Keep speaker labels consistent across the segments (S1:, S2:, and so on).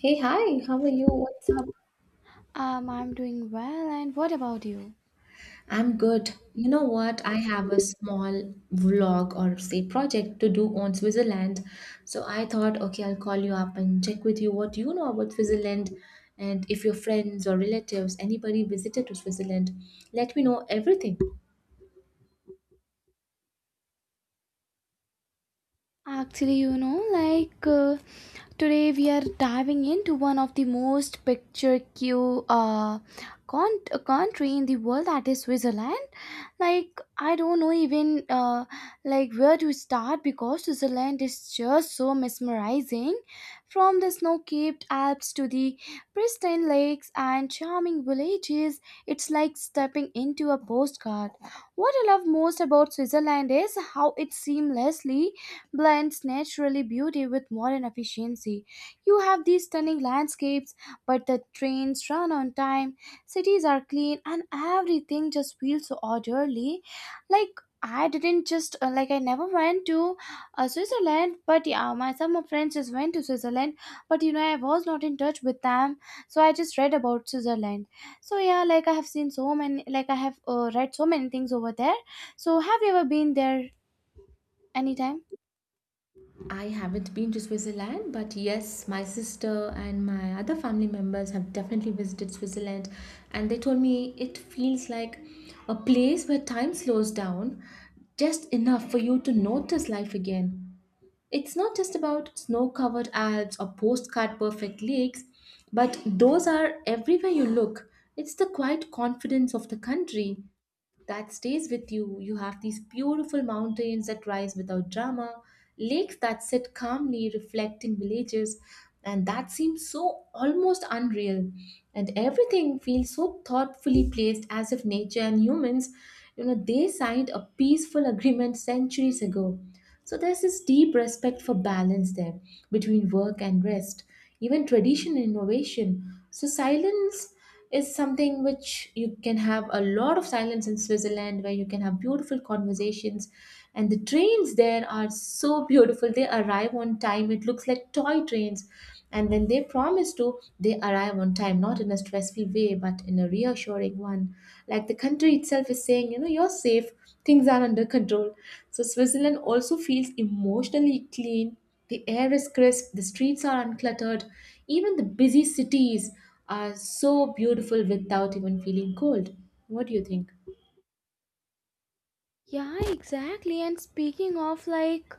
S1: Hey, hi, how are you? What's up?
S2: I'm doing well, and what about you?
S1: I'm good. You know what? I have a small vlog or say project to do on Switzerland. So I thought, okay, I'll call you up and check with you what you know about Switzerland and if your friends or relatives, anybody visited to Switzerland, let me know everything.
S2: Actually, you know, today we are diving into one of the most picturesque uh, country in the world, that is Switzerland. Like I don't know even, like where to start because Switzerland is just so mesmerizing. From the snow-capped Alps to the pristine lakes and charming villages, it's like stepping into a postcard. What I love most about Switzerland is how it seamlessly blends naturally beauty with modern efficiency. You have these stunning landscapes, but the trains run on time, cities are clean, and everything just feels so orderly. Like I didn't just like I never went to Switzerland, but yeah, my some of friends just went to Switzerland, but you know I was not in touch with them, so I just read about Switzerland. So yeah, like I have seen so many, like I have read so many things over there. So have you ever been there anytime?
S1: I haven't been to Switzerland, but yes, my sister and my other family members have definitely visited Switzerland, and they told me it feels like a place where time slows down just enough for you to notice life again. It's not just about snow covered Alps or postcard perfect lakes, but those are everywhere you look. It's the quiet confidence of the country that stays with you. You have these beautiful mountains that rise without drama, lakes that sit calmly reflecting villages, and that seems so almost unreal. And everything feels so thoughtfully placed as if nature and humans, you know, they signed a peaceful agreement centuries ago. So there's this deep respect for balance there between work and rest, even tradition and innovation. So silence is something which you can have a lot of silence in Switzerland where you can have beautiful conversations, and the trains there are so beautiful, they arrive on time, it looks like toy trains. And when they promise to, they arrive on time, not in a stressful way but in a reassuring one, like the country itself is saying, you know, you're safe, things are under control. So Switzerland also feels emotionally clean. The air is crisp, the streets are uncluttered, even the busy cities are so beautiful without even feeling cold. What do you think?
S2: Yeah, exactly. And speaking of like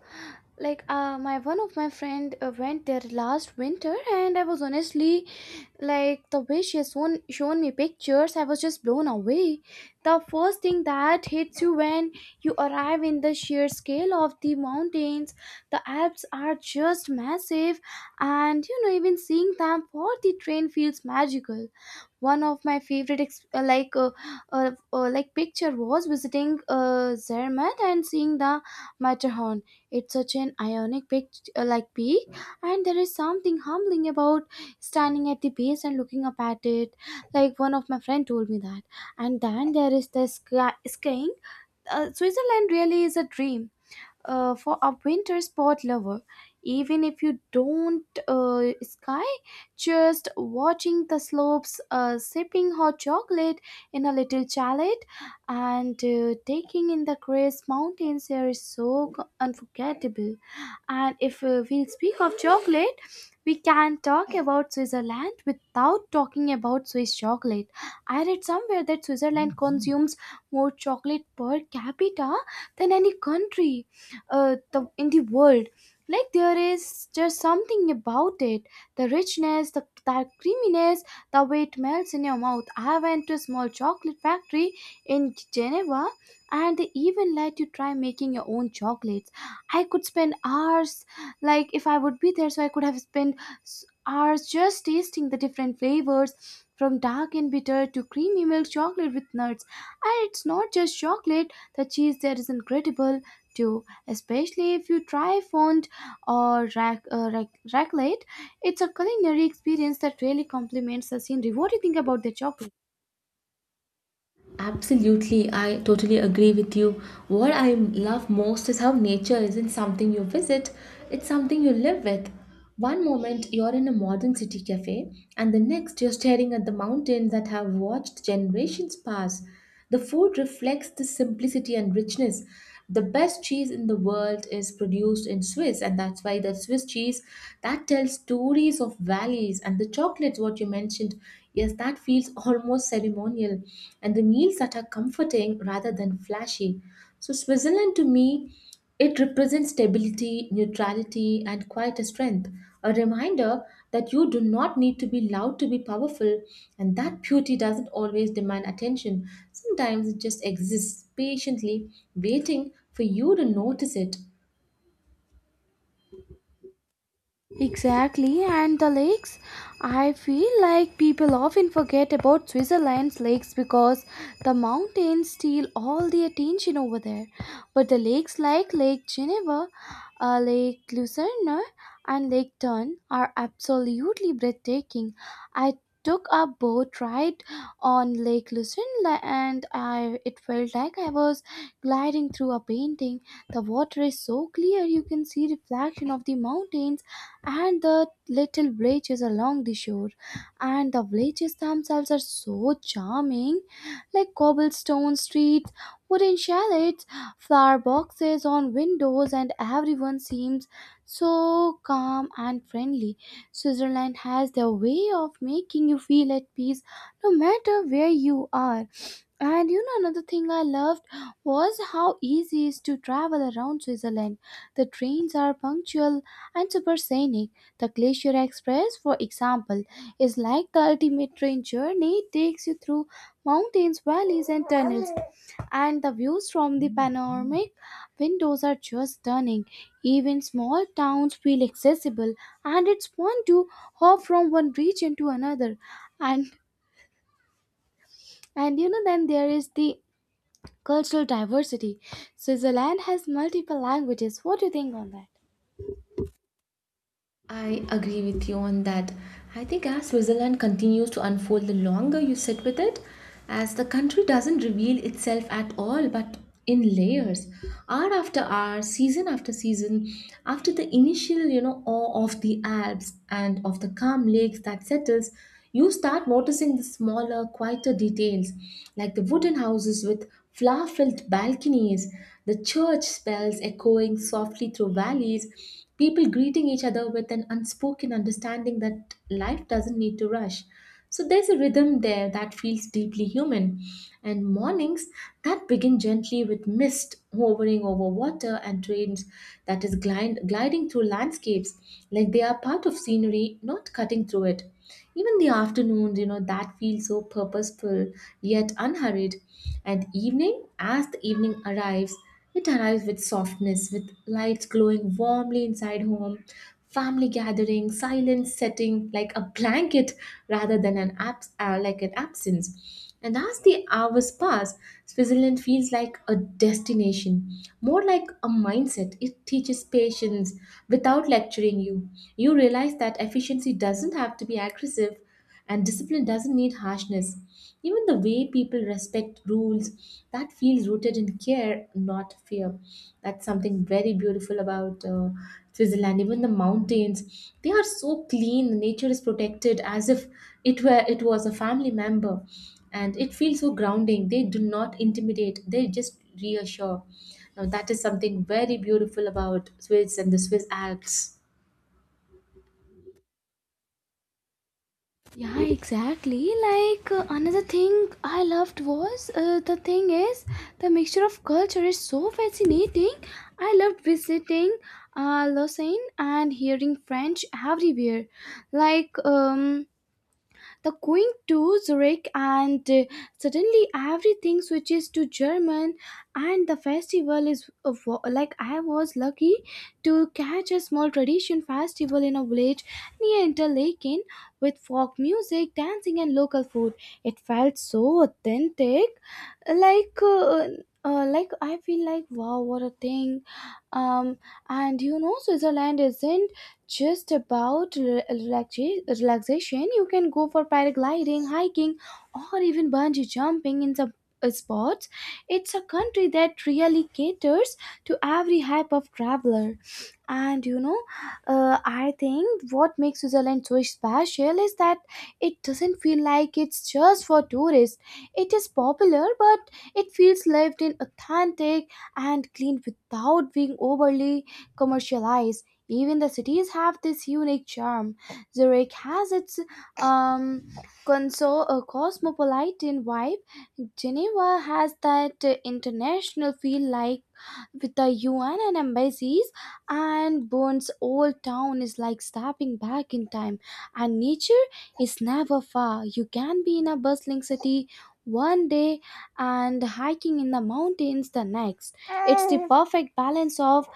S2: like uh my one of my friend went there last winter, and I was honestly like the way she has shown me pictures, I was just blown away. The first thing that hits you when you arrive in the sheer scale of the mountains, the Alps are just massive, and you know even seeing them for the train feels magical. One of my favorite like picture was visiting Zermatt and seeing the Matterhorn. It's such an ionic like peak, and there is something humbling about standing at the base and looking up at it. Like one of my friend told me that. And then there is the skiing. Switzerland really is a dream for a winter sport lover. Even if you don't sky, just watching the slopes, sipping hot chocolate in a little chalet, and taking in the crisp mountains air is so unforgettable. And if we speak of chocolate, we can talk about Switzerland without talking about Swiss chocolate. I read somewhere that Switzerland consumes more chocolate per capita than any country in the world. Like there is just something about it, the richness, the creaminess, the way it melts in your mouth. I went to a small chocolate factory in Geneva, and they even let you try making your own chocolates. I could spend hours, like if I would be there, so I could have spent hours just tasting the different flavors, from dark and bitter to creamy milk chocolate with nuts. And it's not just chocolate, the cheese there is incredible too, especially if you try fond or raclette. It's a culinary experience that really complements the scene. What do you think about the chocolate?
S1: Absolutely, I totally agree with you. What I love most is how nature isn't something you visit, it's something you live with. One moment you're in a modern city cafe, and the next you're staring at the mountains that have watched generations pass. The food reflects the simplicity and richness. The best cheese in the world is produced in Swiss, and that's why the Swiss cheese that tells stories of valleys and the chocolates, what you mentioned, yes, that feels almost ceremonial, and the meals that are comforting rather than flashy. So Switzerland to me, it represents stability, neutrality, and quite a strength, a reminder that you do not need to be loud to be powerful, and that beauty doesn't always demand attention. Sometimes it just exists patiently, waiting for you to notice it.
S2: Exactly, and the lakes. I feel like people often forget about Switzerland's lakes because the mountains steal all the attention over there. But the lakes like Lake Geneva, Lake Lucerne, and Lake Thun are absolutely breathtaking. I took a boat ride on Lake Lucerne, and I, it felt like I was gliding through a painting. The water is so clear you can see reflection of the mountains and the little villages along the shore. And the villages themselves are so charming, like cobblestone streets, wooden chalets, flower boxes on windows, and everyone seems so calm and friendly. Switzerland has their way of making you feel at peace no matter where you are. And you know, another thing I loved was how easy it is to travel around Switzerland. The trains are punctual and super scenic. The Glacier Express, for example, is like the ultimate train journey. It takes you through mountains, valleys, and tunnels. And the views from the panoramic windows are just stunning. Even small towns feel accessible, and it's fun to hop from one region to another. And and you know, then there is the cultural diversity. Switzerland has multiple languages. What do you think on that?
S1: I agree with you on that. I think as Switzerland continues to unfold, the longer you sit with it, as the country doesn't reveal itself at all, but in layers, hour after hour, season after season, after the initial, you know, awe of the Alps and of the calm lakes that settles, you start noticing the smaller, quieter details, like the wooden houses with flower filled balconies, the church bells echoing softly through valleys, people greeting each other with an unspoken understanding that life doesn't need to rush. So there's a rhythm there that feels deeply human. And mornings that begin gently with mist hovering over water and trains that is glide, gliding through landscapes like they are part of scenery, not cutting through it. Even the afternoons, you know, that feel so purposeful yet unhurried. And evening, as the evening arrives, it arrives with softness, with lights glowing warmly inside home, family gathering, silence setting like a blanket rather than an absence. And as the hours pass, Switzerland feels like a destination, more like a mindset. It teaches patience without lecturing you. You realize that efficiency doesn't have to be aggressive and discipline doesn't need harshness. Even the way people respect rules, that feels rooted in care, not fear. That's something very beautiful about Switzerland. Even the mountains, they are so clean. Nature is protected as if it were it was a family member, and it feels so grounding. They do not intimidate, they just reassure. Now that is something very beautiful about Swiss and the Swiss Alps.
S2: Yeah, exactly. Like another thing I loved was the thing is the mixture of culture is so fascinating. I loved visiting Lausanne and hearing French everywhere. Like the Queen to Zurich, and suddenly everything switches to German. And the festival is a like I was lucky to catch a small tradition festival in a village near Interlaken with folk music, dancing, and local food. It felt so authentic, like. Like I feel like wow, what a thing! Um, and you know, Switzerland isn't just about relaxation. You can go for paragliding, hiking, or even bungee jumping in some spots. It's a country that really caters to every type of traveler. And you know, I think what makes Switzerland so special is that it doesn't feel like it's just for tourists. It is popular, but it feels lived in, authentic, and clean without being overly commercialized. Even the cities have this unique charm. Zurich has its um, cosmopolitan vibe. Geneva has that international feel, like with the UN and embassies, and Bern's old town is like stepping back in time. And nature is never far. You can be in a bustling city one day and hiking in the mountains the next. It's the perfect balance of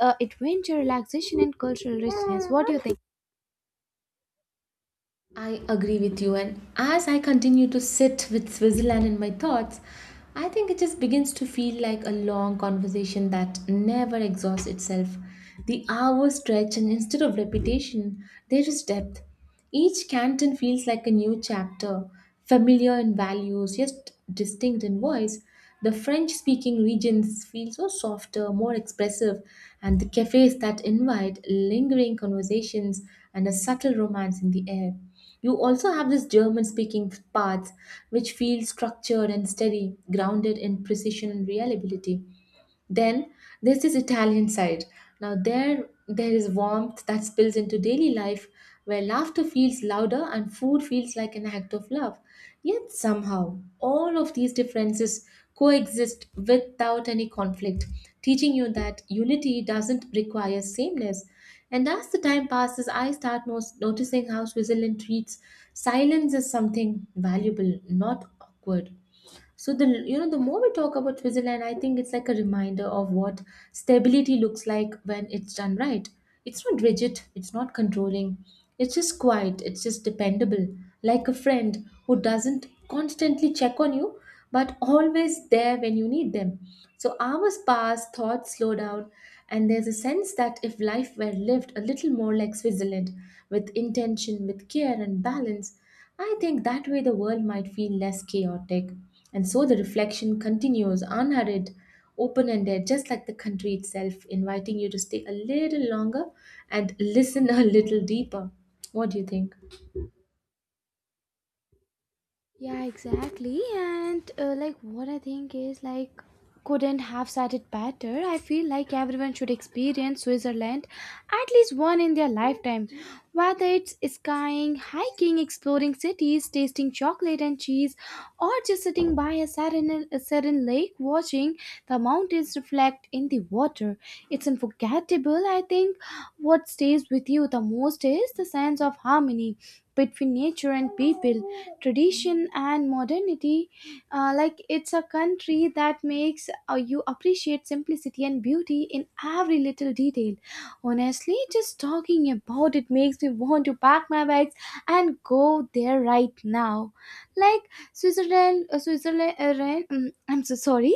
S2: adventure, relaxation, and cultural richness. What do you think?
S1: I agree with you, and as I continue to sit with Switzerland in my thoughts, I think it just begins to feel like a long conversation that never exhausts itself. The hours stretch, and instead of repetition, there is depth. Each canton feels like a new chapter, familiar in values, yet distinct in voice. The French speaking regions feel so softer, more expressive, and the cafes that invite lingering conversations and a subtle romance in the air. You also have this German speaking parts which feel structured and steady, grounded in precision and reliability. Then there's this Italian side. Now there is warmth that spills into daily life where laughter feels louder and food feels like an act of love. Yet somehow all of these differences coexist without any conflict, teaching you that unity doesn't require sameness. And as the time passes, I start noticing how Switzerland treats silence as something valuable, not awkward. So the you know the more we talk about Switzerland, I think it's like a reminder of what stability looks like when it's done right. It's not rigid, it's not controlling, it's just quiet, it's just dependable, like a friend who doesn't constantly check on you, but always there when you need them. So hours pass, thoughts slow down, and there's a sense that if life were lived a little more like Switzerland, with intention, with care and balance, I think that way the world might feel less chaotic. And so the reflection continues unhurried, open ended, just like the country itself, inviting you to stay a little longer and listen a little deeper. What do you think?
S2: Yeah, exactly. And like what I think is like couldn't have said it better. I feel like everyone should experience Switzerland at least one in their lifetime. Whether it's skiing, hiking, exploring cities, tasting chocolate and cheese, or just sitting by a serene lake watching the mountains reflect in the water. It's unforgettable, I think. What stays with you the most is the sense of harmony between nature and people, tradition and modernity. Like it's a country that makes you appreciate simplicity and beauty in every little detail. Honestly, just talking about it makes me want to pack my bags and go there right now. Like I'm so sorry.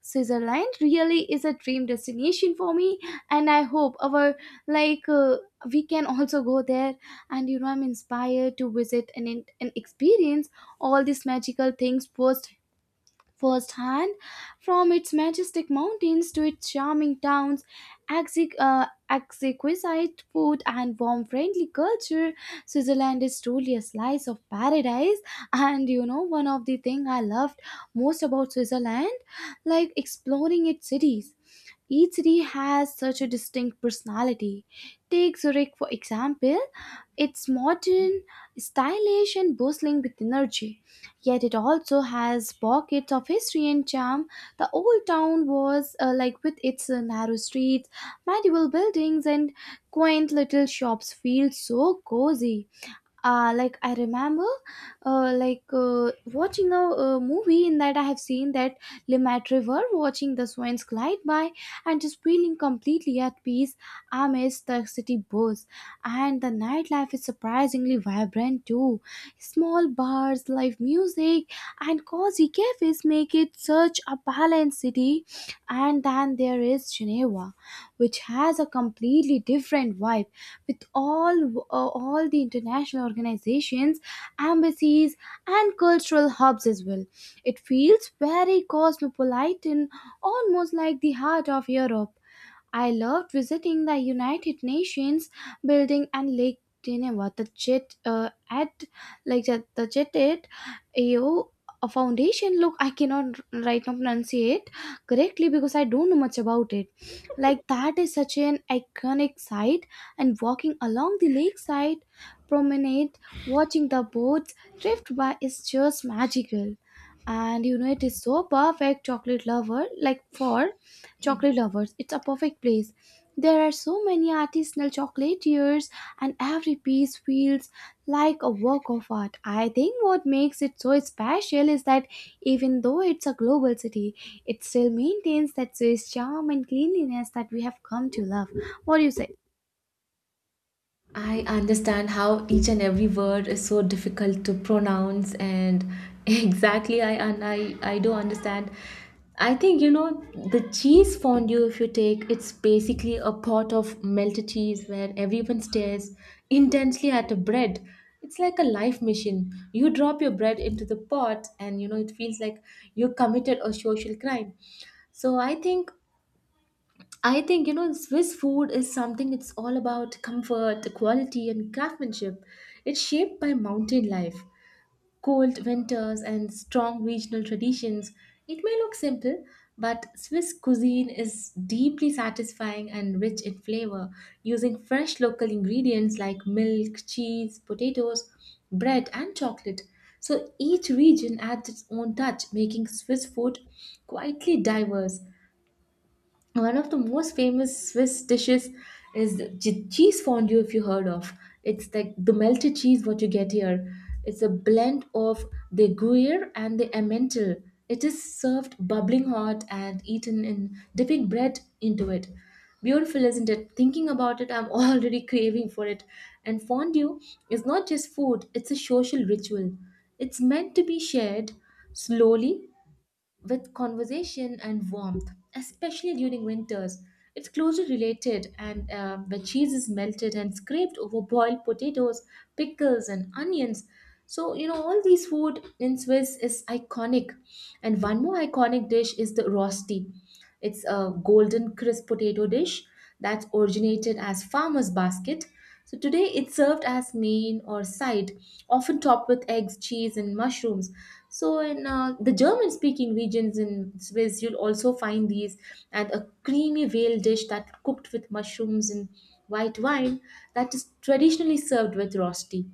S2: Switzerland really is a dream destination for me, and I hope our like uh, we can also go there. And you know, I'm inspired to visit and experience all these magical things firsthand, from its majestic mountains to its charming towns, exquisite food, and warm, friendly culture. Switzerland is truly a slice of paradise. And you know, one of the thing I loved most about Switzerland, like exploring its cities. Each city has such a distinct personality. Take Zurich, for example. It's modern, stylish, and bustling with energy. Yet it also has pockets of history and charm. The old town was like with its narrow streets, medieval buildings, and quaint little shops, feels so cozy. Like I remember, like Watching a movie in that, I have seen that Limat River, watching the swans glide by, and just feeling completely at peace amidst the city buzz. And the nightlife is surprisingly vibrant too. Small bars, live music, and cozy cafes make it such a balanced city. And then there is Geneva, which has a completely different vibe, with all the international organizations, embassies, and cultural hubs as well. It feels very cosmopolitan, almost like the heart of Europe. I loved visiting the United Nations building and Lake Geneva. The jet at like the Jeted AO foundation. Look, I cannot right now pronunciate correctly because I don't know much about it. Like that is such an iconic site, and walking along the lakeside promenade, watching the boats drift by is just magical. And you know, it is so perfect chocolate lover, like for chocolate lovers. It's a perfect place. There are so many artisanal chocolatiers, and every piece feels like a work of art. I think what makes it so special is that even though it's a global city, it still maintains that Swiss charm and cleanliness that we have come to love. What do you say?
S1: I understand how each and every word is so difficult to pronounce, and exactly I do understand. I think, you know, the cheese fondue, if you take, it's basically a pot of melted cheese where everyone stares intensely at a bread. It's like a life mission. You drop your bread into the pot, and you know it feels like you committed a social crime. So I think you know, Swiss food is something, it's all about comfort, quality and craftsmanship. It's shaped by mountain life, cold winters and strong regional traditions. It may look simple, but Swiss cuisine is deeply satisfying and rich in flavor, using fresh local ingredients like milk, cheese, potatoes, bread and chocolate. So each region adds its own touch, making Swiss food quietly diverse. One of the most famous Swiss dishes is the cheese fondue, if you heard of. It's like the melted cheese what you get here. It's a blend of the Gruyere and the Emmental. It is served bubbling hot and eaten in dipping bread into it. Beautiful, isn't it? Thinking about it, I'm already craving for it. And fondue is not just food, it's a social ritual. It's meant to be shared slowly with conversation and warmth, especially during winters. It's closely related, and the cheese is melted and scraped over boiled potatoes, pickles, and onions. So, you know, all these food in Swiss is iconic. And one more iconic dish is the rosti. It's a golden crisp potato dish that originated as farmer's basket. So today it's served as main or side, often topped with eggs, cheese, and mushrooms. So in the German-speaking regions in Swiss, you'll also find these and a creamy veal dish that cooked with mushrooms and white wine that is traditionally served with rosti.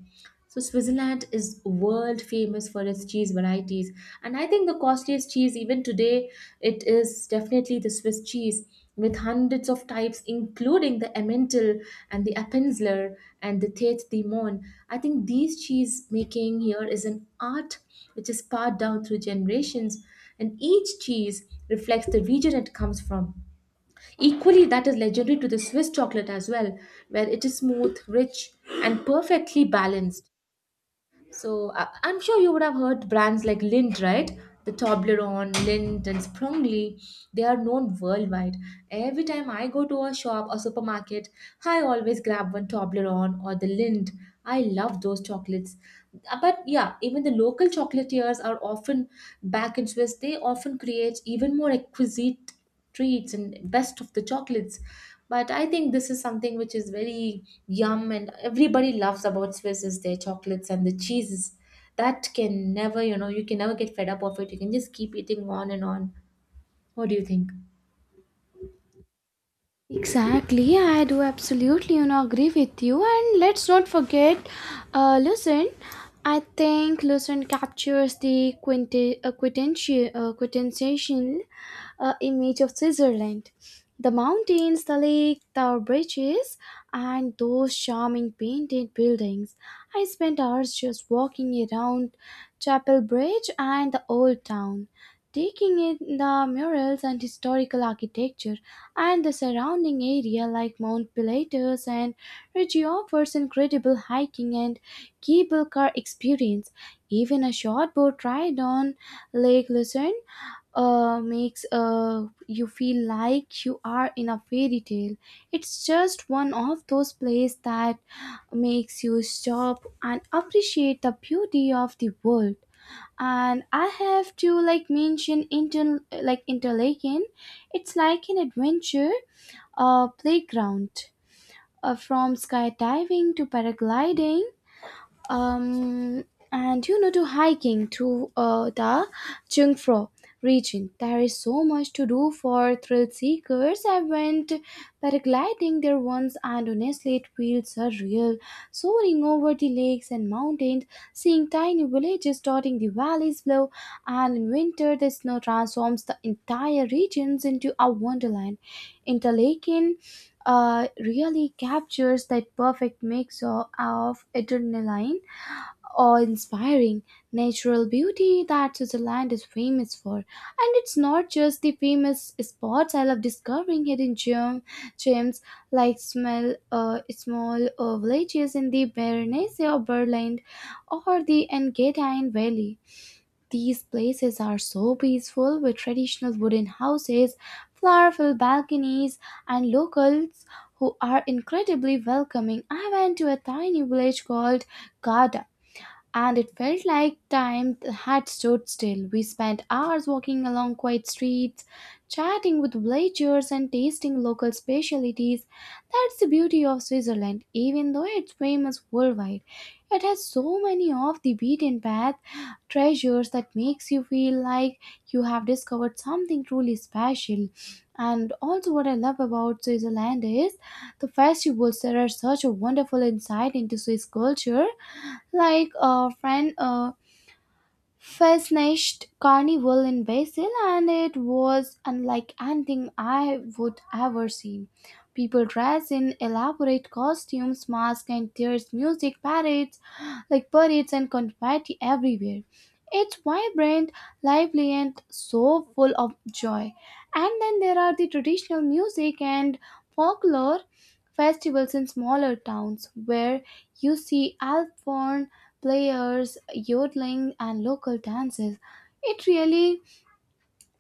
S1: So Switzerland is world famous for its cheese varieties, and I think the costliest cheese even today, it is definitely the Swiss cheese with hundreds of types including the Emmental and the Appenzeller and the Tête Dimonne. I think these cheese making here is an art which is passed down through generations, and each cheese reflects the region it comes from. Equally, that is legendary to the Swiss chocolate as well, where it is smooth, rich, and perfectly balanced. So I'm sure you would have heard brands like Lindt, right? The Toblerone, Lindt, and Sprungly. They are known worldwide. Every time I go to a shop or supermarket, I always grab one Toblerone or the Lindt. I love those chocolates. But yeah, even the local chocolatiers are often back in Swiss. They often create even more exquisite treats and best of the chocolates. But I think this is something which is very yum, and everybody loves about Swiss is their chocolates and the cheeses that can never, you know, you can never get fed up of it, you can just keep eating on and on. What do you think?
S2: Exactly, I do absolutely, you know, agree with you. And let's not forget, Lucent. I think Lucent captures the quintessential, image of Switzerland. The mountains, the lake, the bridges, and those charming painted buildings. I spent hours just walking around Chapel Bridge and the old town, taking in the murals and historical architecture. And the surrounding area like Mount Pilatus and Ridge offers incredible hiking and cable car experience. Even a short boat ride on Lake Lucerne makes you feel like you are in a fairy tale. It's just one of those places that makes you stop and appreciate the beauty of the world. And I have to like mention Interlaken. It's like an adventure playground, from skydiving to paragliding, um, and you know, to hiking to the Jungfrau region. There is so much to do for thrill seekers. I went paragliding there once, and honestly, it feels surreal. Soaring over the lakes and mountains, seeing tiny villages dotting the valleys below, and in winter, the snow transforms the entire regions into a wonderland. Interlaken really captures that perfect mix of adrenaline, awe-inspiring natural beauty that Switzerland is famous for. And it's not just the famous spots. I love discovering gems like small villages in the Berenice or Berland or the Engadine Valley. These places are so peaceful with traditional wooden houses, flowerful balconies, and locals who are incredibly welcoming. I went to a tiny village called Garda, and it felt like time had stood still. We spent hours walking along quiet streets, chatting with villagers, and tasting local specialties. That's the beauty of Switzerland, even though it's famous worldwide. It has so many off the beaten path treasures that makes you feel like you have discovered something truly special. And also what I love about Switzerland is the festivals that are such a wonderful insight into Swiss culture. Like a friend, Fascist carnival in Basel, and it was unlike anything I would ever seen. People dressed in elaborate costumes, masks, and there's music parades, like parades and confetti everywhere. It's vibrant, lively, and so full of joy. And then there are the traditional music and folklore festivals in smaller towns where you see elf players, yodeling, and local dances. It really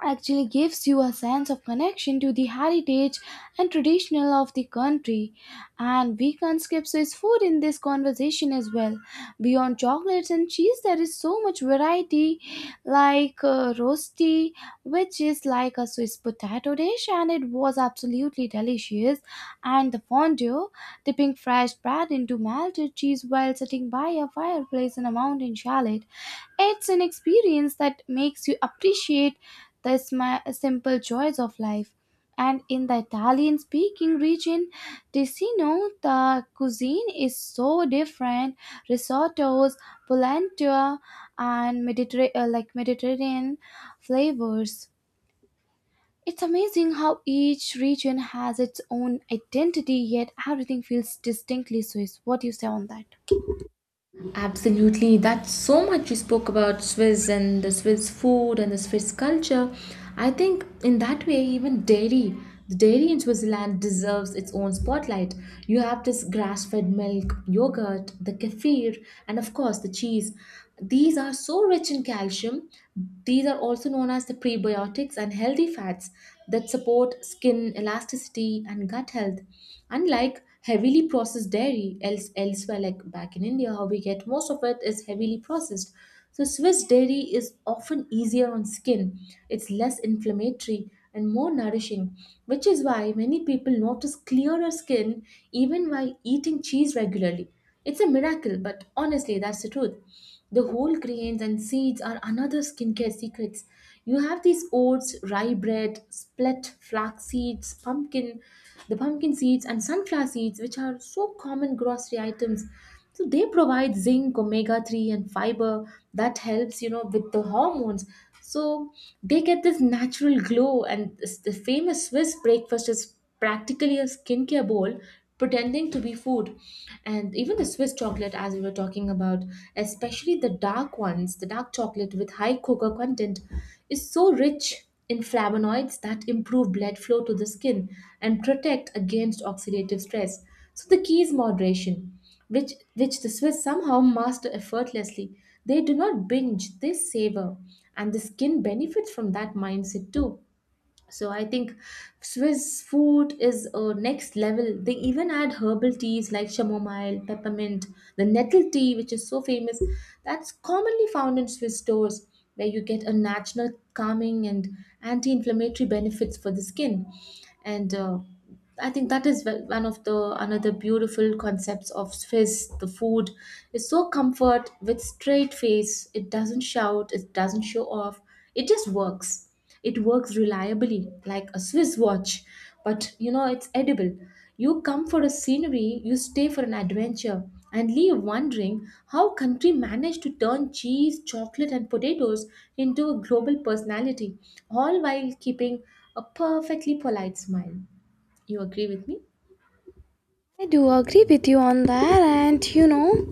S2: actually gives you a sense of connection to the heritage and traditional of the country. And we can not skip Swiss food in this conversation as well. Beyond chocolates and cheese, there is so much variety, like rosti, which is like a Swiss potato dish, and it was absolutely delicious. And the fondue, dipping fresh bread into melted cheese while sitting by a fireplace in a mountain chalet, it's an experience that makes you appreciate the simple joys of life. And in the Italian speaking region, Ticino, the cuisine is so different. Risottos, polenta, and like Mediterranean flavors. It's amazing how each region has its own identity, yet everything feels distinctly Swiss. What do you say on that?
S1: Absolutely. That's so much you spoke about Swiss and the Swiss food and the Swiss culture. I think in that way, even dairy, the dairy in Switzerland deserves its own spotlight. You have this grass fed milk, yogurt, the kefir, and of course the cheese. These are so rich in calcium. These are also known as the prebiotics and healthy fats that support skin elasticity and gut health. Unlike heavily processed dairy elsewhere, like back in India, how we get most of it is heavily processed. So Swiss dairy is often easier on skin. It's less inflammatory and more nourishing, which is why many people notice clearer skin even while eating cheese regularly. It's a miracle, but honestly, that's the truth. The whole grains and seeds are another skincare secrets. You have these oats, rye bread, split flax seeds, pumpkin, the pumpkin seeds, and sunflower seeds, which are so common grocery items. So they provide zinc, omega three, and fiber that helps with the hormones. So they get this natural glow, and the famous Swiss breakfast is practically a skincare bowl pretending to be food. And even the Swiss chocolate, as we were talking about, especially the dark ones, the dark chocolate with high cocoa content, is so rich in flavonoids that improve blood flow to the skin and protect against oxidative stress. So the key is moderation, which the Swiss somehow master effortlessly. They do not binge, they savor, and the skin benefits from that mindset too. So I think Swiss food is a next level. They even add herbal teas like chamomile, peppermint, the nettle tea, which is so famous. That's commonly found in Swiss stores, where you get a natural calming and anti-inflammatory benefits for the skin. And I think that is one of the another beautiful concepts of Swiss. The food is so comfort with straight face. It doesn't shout, it doesn't show off, it just works. It works reliably like a Swiss watch, but you know, it's edible. You come for a scenery, you stay for an adventure, and leave wondering how country managed to turn cheese, chocolate and potatoes into a global personality, all while keeping a perfectly polite smile. You agree with me?
S2: I do agree with you on that, and you know,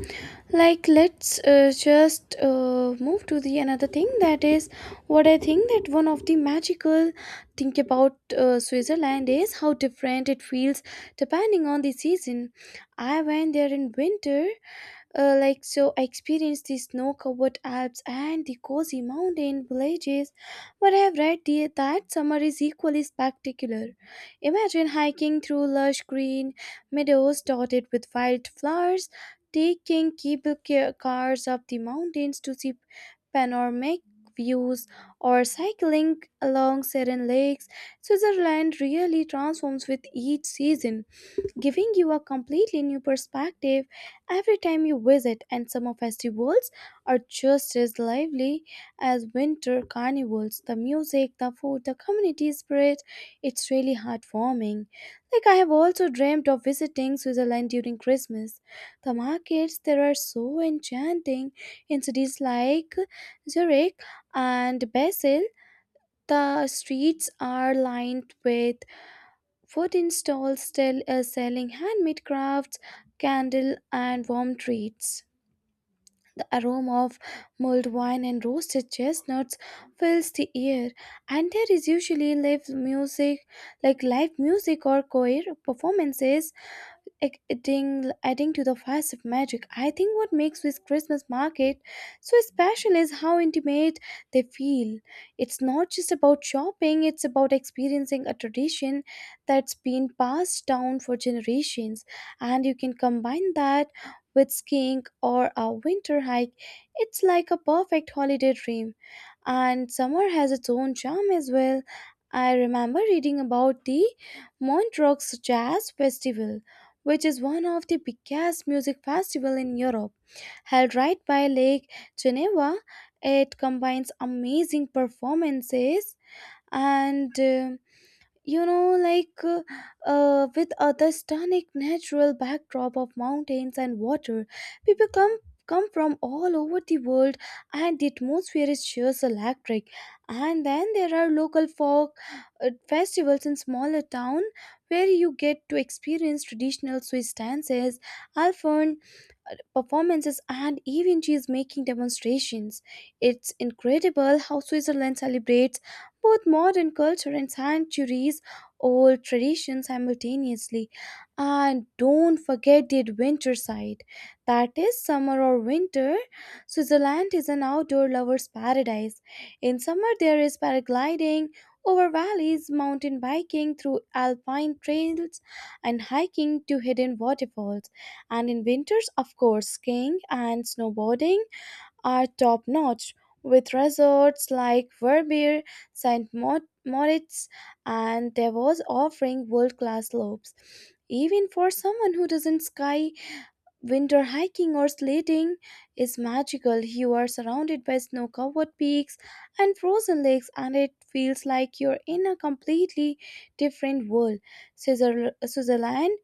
S2: like let's just move to the another thing that is what I think that one of the magical thing about Switzerland is how different it feels depending on the season. I went there in winter, so I experienced the snow-covered Alps and the cozy mountain villages, but I have read that summer is equally spectacular. Imagine hiking through lush green meadows dotted with wildflowers, taking cars up the mountains to see panoramic views or cycling along serene lakes. Switzerland really transforms with each season, giving you a completely new perspective every time you visit, and summer festivals are just as lively as winter carnivals. The music, the food, the community spirit, it's really heartwarming. Like, I have also dreamt of visiting Switzerland during Christmas. The markets there are so enchanting in cities like Zurich and Basel. The streets are lined with food stalls still is selling handmade crafts, candle, and warm treats. The aroma of mulled wine and roasted chestnuts fills the air, and there is usually live music or choir performances adding to the vast of magic. I think what makes this Christmas market so special is how intimate they feel. It's not just about shopping, it's about experiencing a tradition that's been passed down for generations. And you can combine that with skiing or a winter hike. It's like a perfect holiday dream. And summer has its own charm as well. I remember reading about the Montreux Jazz Festival, which is one of the biggest music festivals in Europe. Held right by Lake Geneva, it combines amazing performances and, you know like uh, with other stunning natural backdrop of mountains and water. People come from all over the world, and the atmosphere is just electric. And then there are local folk festivals in smaller town where you get to experience traditional Swiss dances, alphorn performances, and even she is making demonstrations. It's incredible how Switzerland celebrates both modern culture and centuries old traditions simultaneously. And don't forget the adventure side. That is summer or winter. Switzerland is an outdoor lover's paradise. In summer, there is paragliding over valleys, mountain biking through alpine trails, and hiking to hidden waterfalls. And in winters, of course, skiing and snowboarding are top notch with resorts like Verbier, St. Moritz, and Davos offering world class slopes. Even for someone who doesn't ski, winter hiking or sledding is magical. You are surrounded by snow covered peaks and frozen lakes, and it feels like you're in a completely different world. Switzerland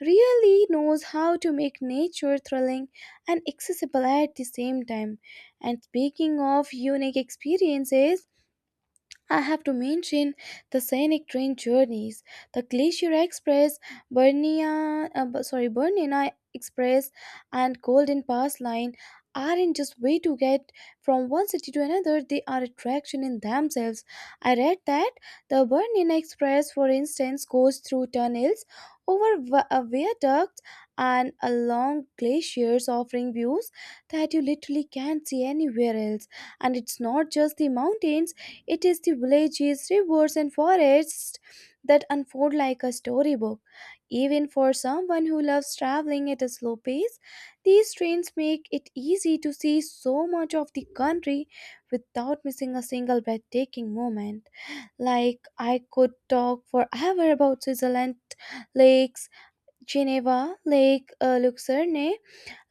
S2: really knows how to make nature thrilling and accessible at the same time. And speaking of unique experiences, I have to mention the scenic train journeys, the Glacier Express, Bernina Express, and Golden Pass Line aren't just way to get from one city to another. They are attraction in themselves. I read that the Bernina Express, for instance, goes through tunnels, over viaducts, and along glaciers, offering views that you literally can't see anywhere else. And it's not just the mountains, it is the villages, rivers, and forests that unfold like a storybook. Even for someone who loves traveling at a slow pace, these trains make it easy to see so much of the country without missing a single breathtaking moment. Like, I could talk forever about Switzerland lakes, Geneva, Lake Lucerne,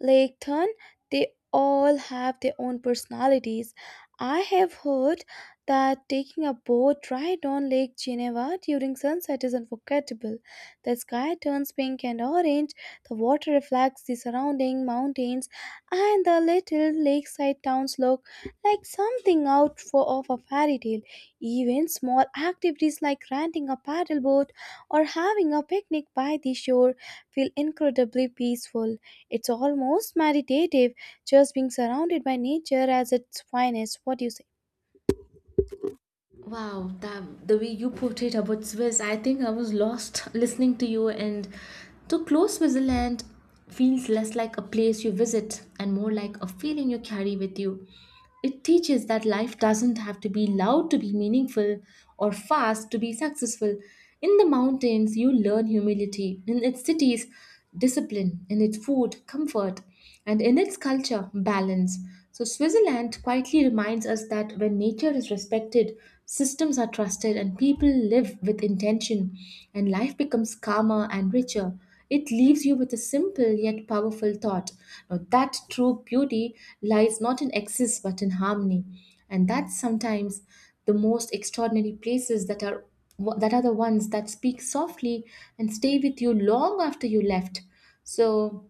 S2: Laketon, they all have their own personalities. I have heard that taking a boat ride on Lake Geneva during sunset is unforgettable. The sky turns pink and orange, the water reflects the surrounding mountains, and the little lakeside towns look like something of a fairy tale. Even small activities like renting a paddleboat or having a picnic by the shore feel incredibly peaceful. It's almost meditative, just being surrounded by nature as its finest. What do you say?
S1: Wow, that, the way you portrayed about Swiss, I think I was lost listening to you. And to close, Switzerland feels less like a place you visit and more like a feeling you carry with you. It teaches that life doesn't have to be loud to be meaningful or fast to be successful. In the mountains, you learn humility. In its cities, discipline, in its food, comfort, and in its culture, balance. So, Switzerland quietly reminds us that when nature is respected, systems are trusted, and people live with intention, and life becomes calmer and richer. It leaves you with a simple yet powerful thought. Now, that true beauty lies not in excess but in harmony. And that's sometimes the most extraordinary places that are that are the ones that speak softly and stay with you long after you left. So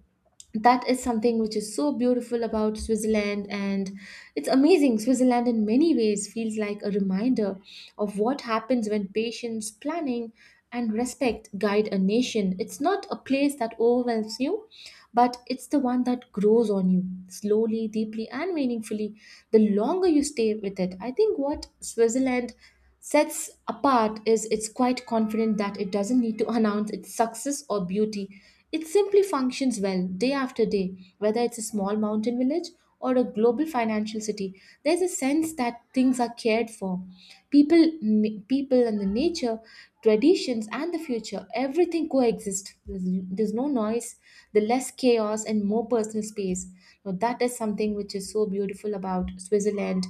S1: that is something which is so beautiful about Switzerland, and it's amazing. Switzerland in many ways feels like a reminder of what happens when patience, planning and respect guide a nation. It's not a place that overwhelms you, but it's the one that grows on you slowly, deeply and meaningfully the longer you stay with it. I think what Switzerland sets apart is it's quite confident that it doesn't need to announce its success or beauty. It simply functions well day after day, whether it's a small mountain village or a global financial city. There's a sense that things are cared for. People and the nature, traditions and the future, everything coexist. There's no noise, the less chaos and more personal space. Now that is something which is so beautiful about Switzerland.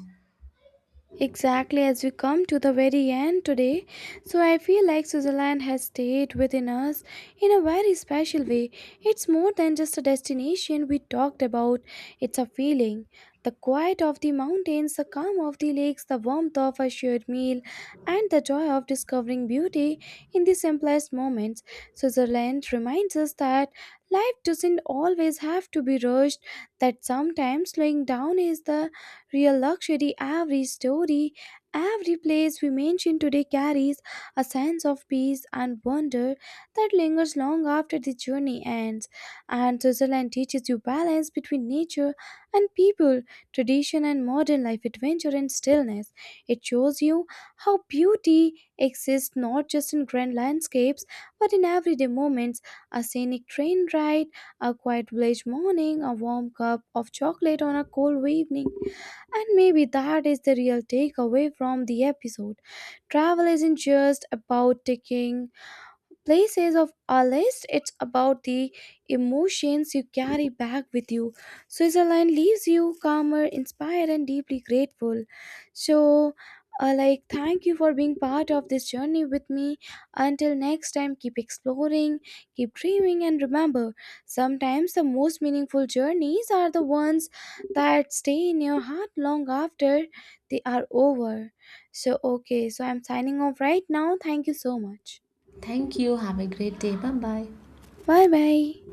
S2: Exactly, as we come to the very end today, so I feel like Switzerland has stayed within us in a very special way. It's more than just a destination we talked about, it's a feeling. The quiet of the mountains, the calm of the lakes, the warmth of a shared meal, and the joy of discovering beauty in the simplest moments. Switzerland reminds us that life doesn't always have to be rushed, that sometimes slowing down is the real luxury. Every story, every place we mention today carries a sense of peace and wonder that lingers long after the journey ends. And Switzerland teaches you balance between nature and people, tradition and modern life, adventure and stillness. It shows you how beauty exists not just in grand landscapes but in everyday moments, a scenic train ride, a quiet village morning, a warm cup of chocolate on a cold evening. And maybe that is the real takeaway from the episode. Travel isn't just about taking places of our list, it's about the emotions you carry back with you. Switzerland leaves you calmer, inspired, and deeply grateful. So thank you for being part of this journey with me. Until next time, keep exploring, keep dreaming, and remember, sometimes the most meaningful journeys are the ones that stay in your heart long after they are over. So okay, so I'm signing off right now. Thank you so much.
S1: Thank you. Have a great day. Bye bye.
S2: Bye bye.